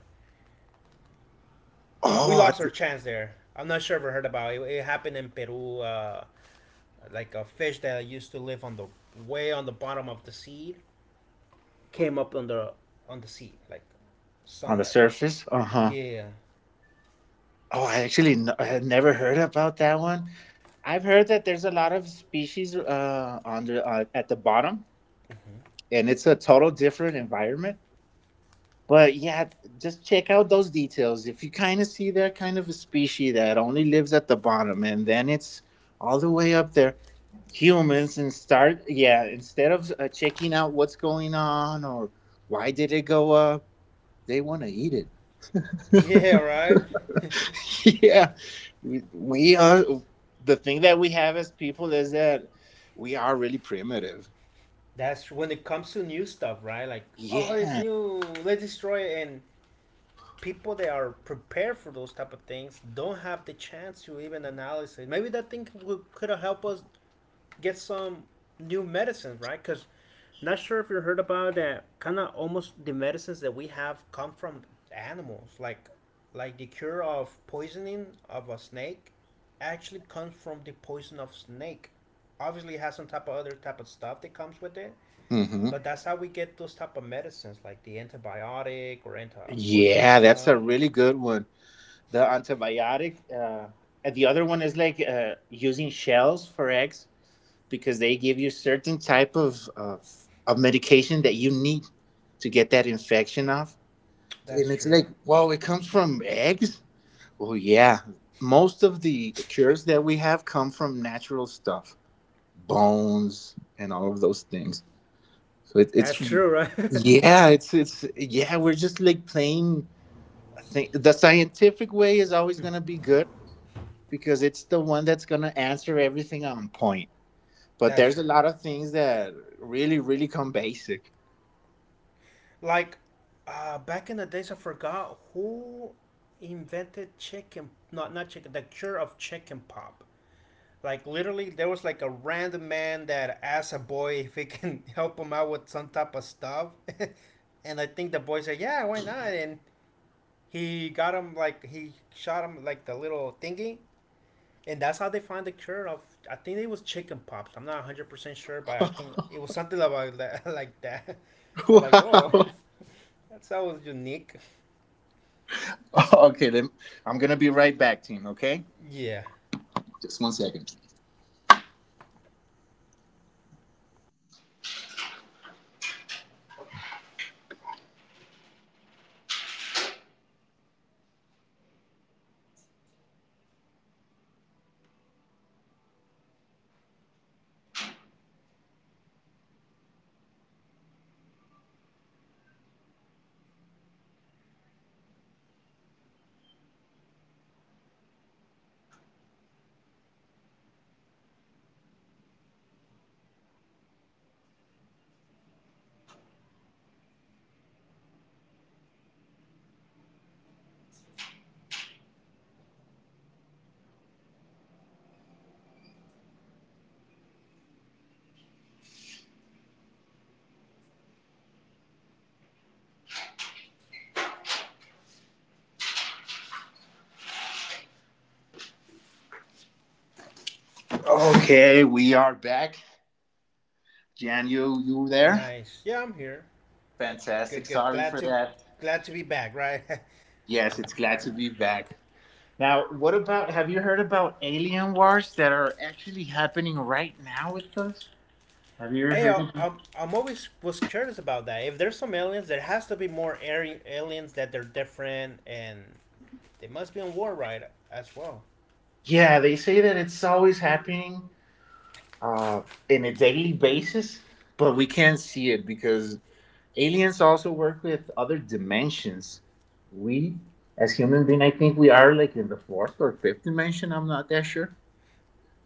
we
Oh.
lost our chance there. I'm not sure if I heard about it. It happened in Peru, uh, like a fish that used to live on the way on the bottom of the sea, came up on the on the sea, like
On
sun
the
level.
surface. Uh huh.
Yeah,
Oh, I actually n- I had never heard about that one. I've heard that there's a lot of species uh, on the, uh, at the bottom, and it's a total different environment. But yeah, just check out those details. If you kind of see that kind of a species that only lives at the bottom, and then it's all the way up there, humans, and start yeah. Instead of uh, checking out what's going on or why did it go up, they want to eat it.
[LAUGHS] yeah, right.
[LAUGHS] Yeah, we, we are. The thing that we have as people is that we are really primitive.
That's when it comes to new stuff, right? Like, oh, this
Yeah.
new, let's destroy it. And people that are prepared for those type of things don't have the chance to even analyze it. Maybe that thing could have helped us get some new medicines, right? Because not sure if you heard about that. Kind of almost the medicines that we have come from animals, like like the cure of poisoning of a snake, actually comes from the poison of snake. Obviously, it has some type of other type of stuff that comes with it,
Hmm.
but that's how we get those type of medicines, like the antibiotic or anti poison
Yeah, that's
stuff.
a really good one. The antibiotic. Uh, and the other one is like uh, using shells for eggs because they give you certain type of, of of medication that you need to get that infection off.
That's
And it's
true.
like, whoa, it comes from eggs. Well, yeah, most of the cures that we have come from natural stuff. Bones and all of those things. So it, it's
That's true, right? [LAUGHS]
Yeah, it's it's yeah, we're just like playing. I think the scientific way is always gonna be good because it's the one that's gonna answer everything on point. But
That's
there's
true.
a lot of things that really, really come basic.
Like, uh, back in the days, I forgot who invented chicken. Not not chicken. The cure of chicken pop. Like, literally, there was like a random man that asked a boy if he can [LAUGHS] help him out with some type of stuff, [LAUGHS] and I think the boy said, "Yeah, why not?" And he got him like he shot him like the little thingy, and that's how they found the cure of, I think it was chicken pops. I'm not a hundred percent sure but I think it was something about [LAUGHS] that, like that, I was like, whoa.
[LAUGHS]
[LAUGHS] That's always unique.
Wow. Okay, then I'm gonna be right back, team. Okay,
Yeah.
just one second, please. Okay, we are back. Jan, you you there?
Nice. Yeah, I'm here.
Fantastic.
Good, good.
Sorry
Glad
for
to
that.
glad to be back, right? [LAUGHS]
Yes, it's glad to be back. Now, what about have you heard about alien wars that are actually happening right now with us? Have you ever
Hey,
heard?
I-
About?
I'm, I'm always was curious about that. If there's some aliens, there has to be more ari- aliens that they're different, and they must be on war, right? As well.
Yeah, they say that it's always happening uh, in a daily basis, but we can't see it because aliens also work with other dimensions. We, as human being, I think we are like in the fourth or fifth dimension. I'm not that sure.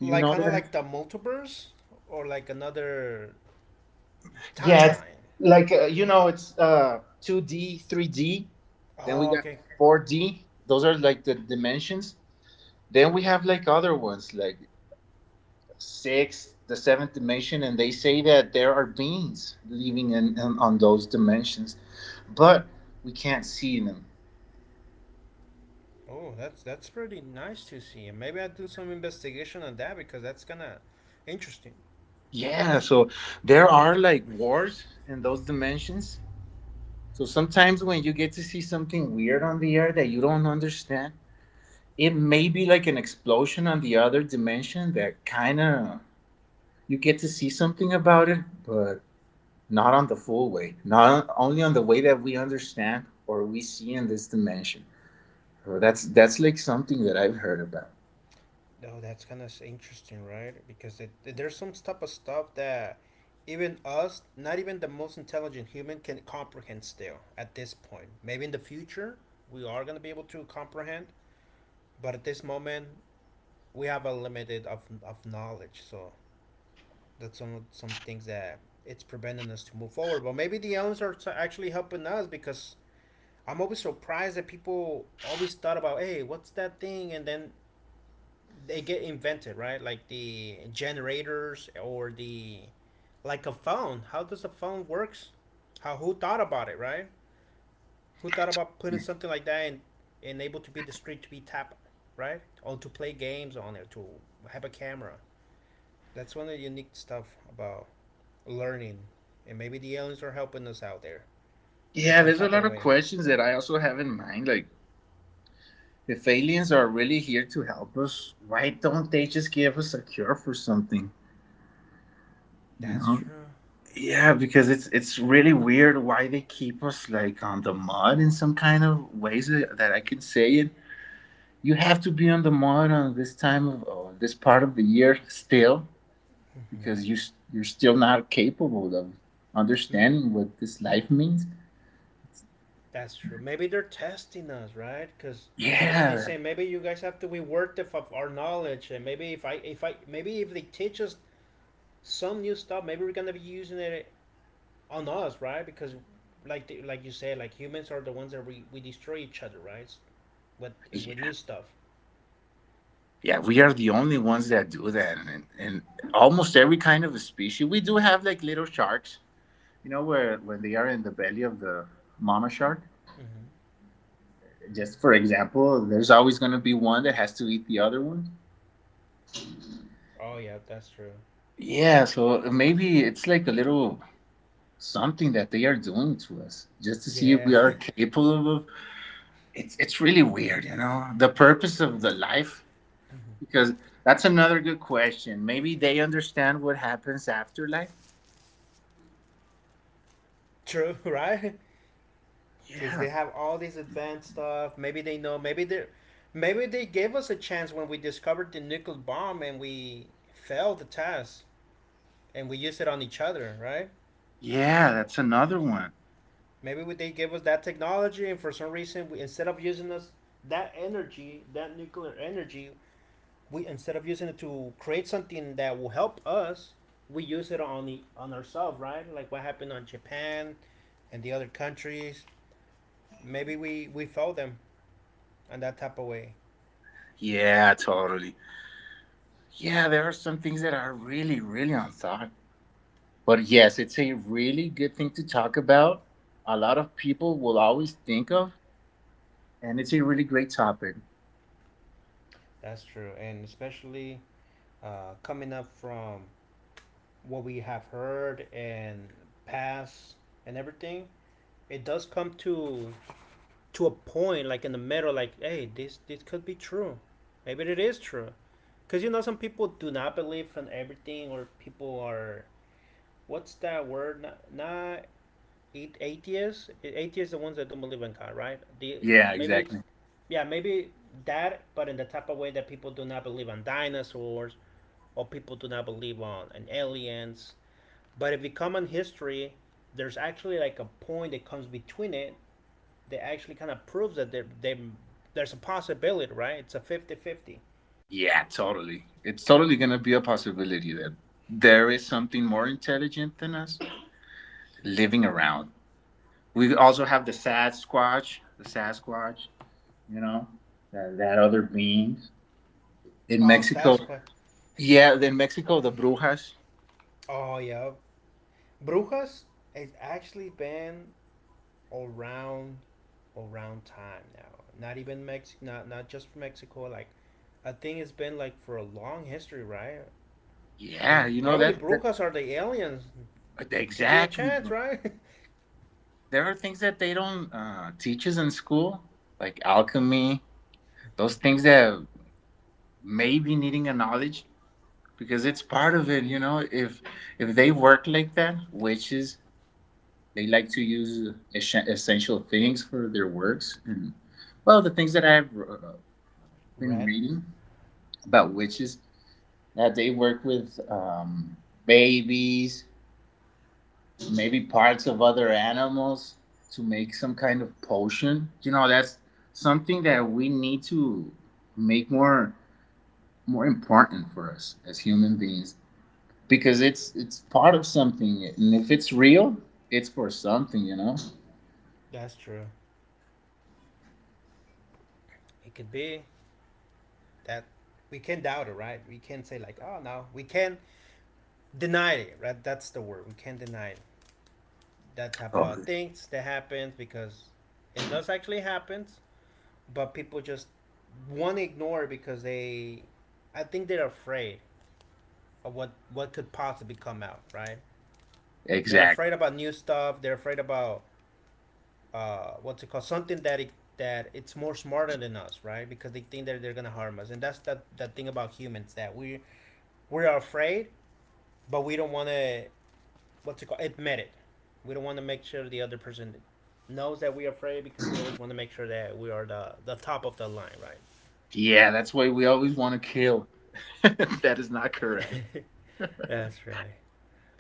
Do you know
kind of
that?
like the multiverse or like another
Yeah, it's
timeline.
like uh, you know, it's uh two D, three D. Then we
Oh,
got
okay.
four D. Those are like the dimensions. Then we have like other ones, like six, the seventh dimension, and they say that there are beings living in, in on those dimensions, but we can't see them.
Oh, that's that's pretty nice to see. And maybe I do some investigation on that because that's kind of interesting.
Yeah, so there are like wars in those dimensions. So sometimes when you get to see something weird on the air that you don't understand, it may be like an explosion on the other dimension that kind of you get to see something about it, but not on the full way, not only on the way that we understand or we see in this dimension. So that's that's like something that I've heard about.
Oh, that's kind of interesting, right? Because it, there's some type of stuff that even us, not even the most intelligent human, can comprehend still at this point. Maybe in the future we are gonna be able to comprehend, but at this moment we have a limited of of knowledge. So that's some some things that it's preventing us to move forward. But maybe the aliens are t- actually helping us, because I'm always surprised that people always thought about, hey, what's that thing? And then they get invented, right? Like the generators, or the, like a phone. How does a phone works? How, who thought about it, right? Who thought about putting something like that and and able to be discreet, to be tapped, right? Or to play games on it, to have a camera. That's one of the unique stuff about learning. And maybe the aliens are helping us out there in
Yeah,
some
there's a
type
lot
of
of
way.
questions that I also have in mind. Like, if aliens are really here to help us, why don't they just give us a cure for something? You
That's
know,
true.
yeah, because it's it's really weird why they keep us like on the mud in some kind of ways that that I can say it. You have to be on the mud on this time of or this part of the year still because you s- you're still not capable of understanding what this life means.
That's true. Maybe they're testing us, right? Because maybe they
Yeah,
say maybe you guys have to reward the, of our knowledge, and maybe if I if I maybe if they teach us some new stuff, maybe we're gonna be using it on us, right? Because like the, like you said, like humans are the ones that we, we destroy each other, right? With with
yeah,
new stuff.
yeah. We are the only ones that do that, and, and almost every kind of a species. We do have like little sharks, you know, where when they are in the belly of the mama shark.
Hmm.
Just for example, there's always going to be one that has to eat the other one.
Oh yeah, that's true.
Yeah, so maybe it's like a little something that they are doing to us just to see if
Yeah,
we are capable of. It's it's really weird, you know the purpose of the life, because that's another good question. Maybe they understand what happens after life.
[LAUGHS] true, right? Because
Yeah,
they have all this advanced stuff. Maybe they know. Maybe they, maybe they gave us a chance when we discovered the nuclear bomb and we failed the test and we used it on each other, right?
yeah, that's another one.
Maybe they gave us that technology, and for some reason, we, instead of using us that energy, that nuclear energy, we instead of using it to create something that will help us, we use it on the, on ourselves, right? Like what happened on Japan and the other countries. Maybe we we failed them on that type of way.
Yeah, totally. Yeah, there are some things that are really really unthought. But yes, it's a really good thing to talk about. A lot of people will always think of, and it's a really great topic.
That's true, and especially uh, coming up from what we have heard and past and everything, it does come to to a point like in the middle, like hey, this this could be true, maybe it is true, because you know some people do not believe in everything, or people are what's that word? Not, not a- atheists. A- Atheists are the ones that don't believe in God, right? The
Yeah,
maybe it's
exactly.
yeah, maybe that, but in the type of way that people do not believe in dinosaurs or people do not believe on and aliens. But if you come on history, there's actually like a point that comes between it that actually kind of proves that there, they, there's a possibility, right? It's a fifty-fifty.
Yeah, totally. It's totally going to be a possibility that there is something more intelligent than us living around. We also have the Sasquatch, the Sasquatch, you know, that, that other beings. In
Oh,
Mexico.
Sasquatch.
Yeah, in Mexico, the brujas.
Oh, yeah. Brujas has actually been around around time now. Not even Mex, not not just Mexico. Like, I think it's been like for a long history, right?
Yeah,
And
you know
probably
that that
brujas are the aliens. Could be a
exactly,
chance,
bro.
right?
There are things that they don't uh, teach us in school, like alchemy, those things that may be needing a knowledge because it's part of it. You know, if if they work like that, witches they like to use es- essential things for their works, and well, the things that I've uh,
[LAUGHS]
been
Red.
reading about witches that they work with um, babies, maybe parts of other animals to make some kind of potion. You know, that's something that we need to make more more important for us as human beings because it's it's part of something and if it's real, it's for something, you know.
That's true. It could be that we can doubt it, right? We can say like, oh no, we can deny it, right? That's the word. We can deny it. That type of
Totally.
things that happens because it does actually happen, but people just want to ignore it because they, I think they're afraid of what what could possibly come out, right? They're
Exactly.
afraid about new stuff. They're afraid about uh, what's it called? Something that it, that it's more smarter than us, right? Because they think that they're gonna harm us, and that's that that thing about humans that we we're afraid, but we don't want to what's it called admit it. We don't want to make sure the other person knows that we're afraid because we always want to make sure that we are the the top of the line, right?
Yeah, that's why we always want to kill. [LAUGHS] that is not correct.
[LAUGHS] That's right.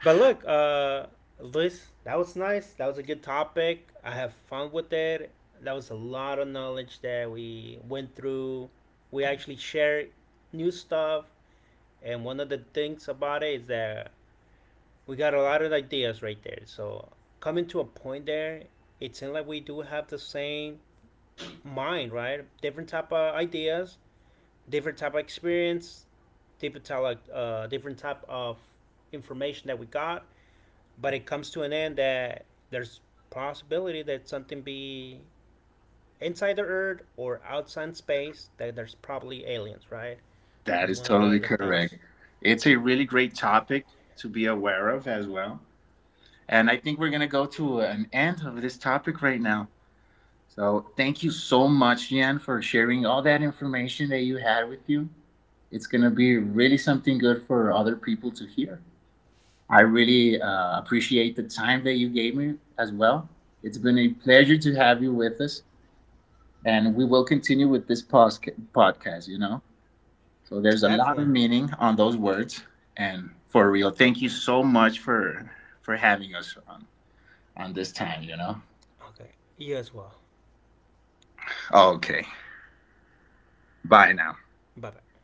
But look, uh, Luis, that was nice. That was a good topic. I have fun with it. That was a lot of knowledge that we went through. We actually shared new stuff, and one of the things about it is that we got a lot of ideas right there. So coming to a point there, it seems like we do have the same mind, right? Different type of ideas, different type of experience, different type of, uh, different type of information that we got. But it comes to an end that there's possibility that something be inside the Earth or outside space. That there's probably aliens, right?
That
That's
is
one of the
totally
the
correct.
things.
It's a really great topic to be aware of as well. And I think we're going to go to an end of this topic right now. So thank you so much, Jan, for sharing all that information that you had with you. It's going to be really something good for other people to hear. I really uh, appreciate the time that you gave me as well. It's been a pleasure to have you with us, and we will continue with this podcast, you know? So there's a lot of
Definitely.
meaning on those words. And for real, thank you so much for for having us on on this time, you know?
Okay. You as well.
Oh, Okay. Bye now.
Bye bye.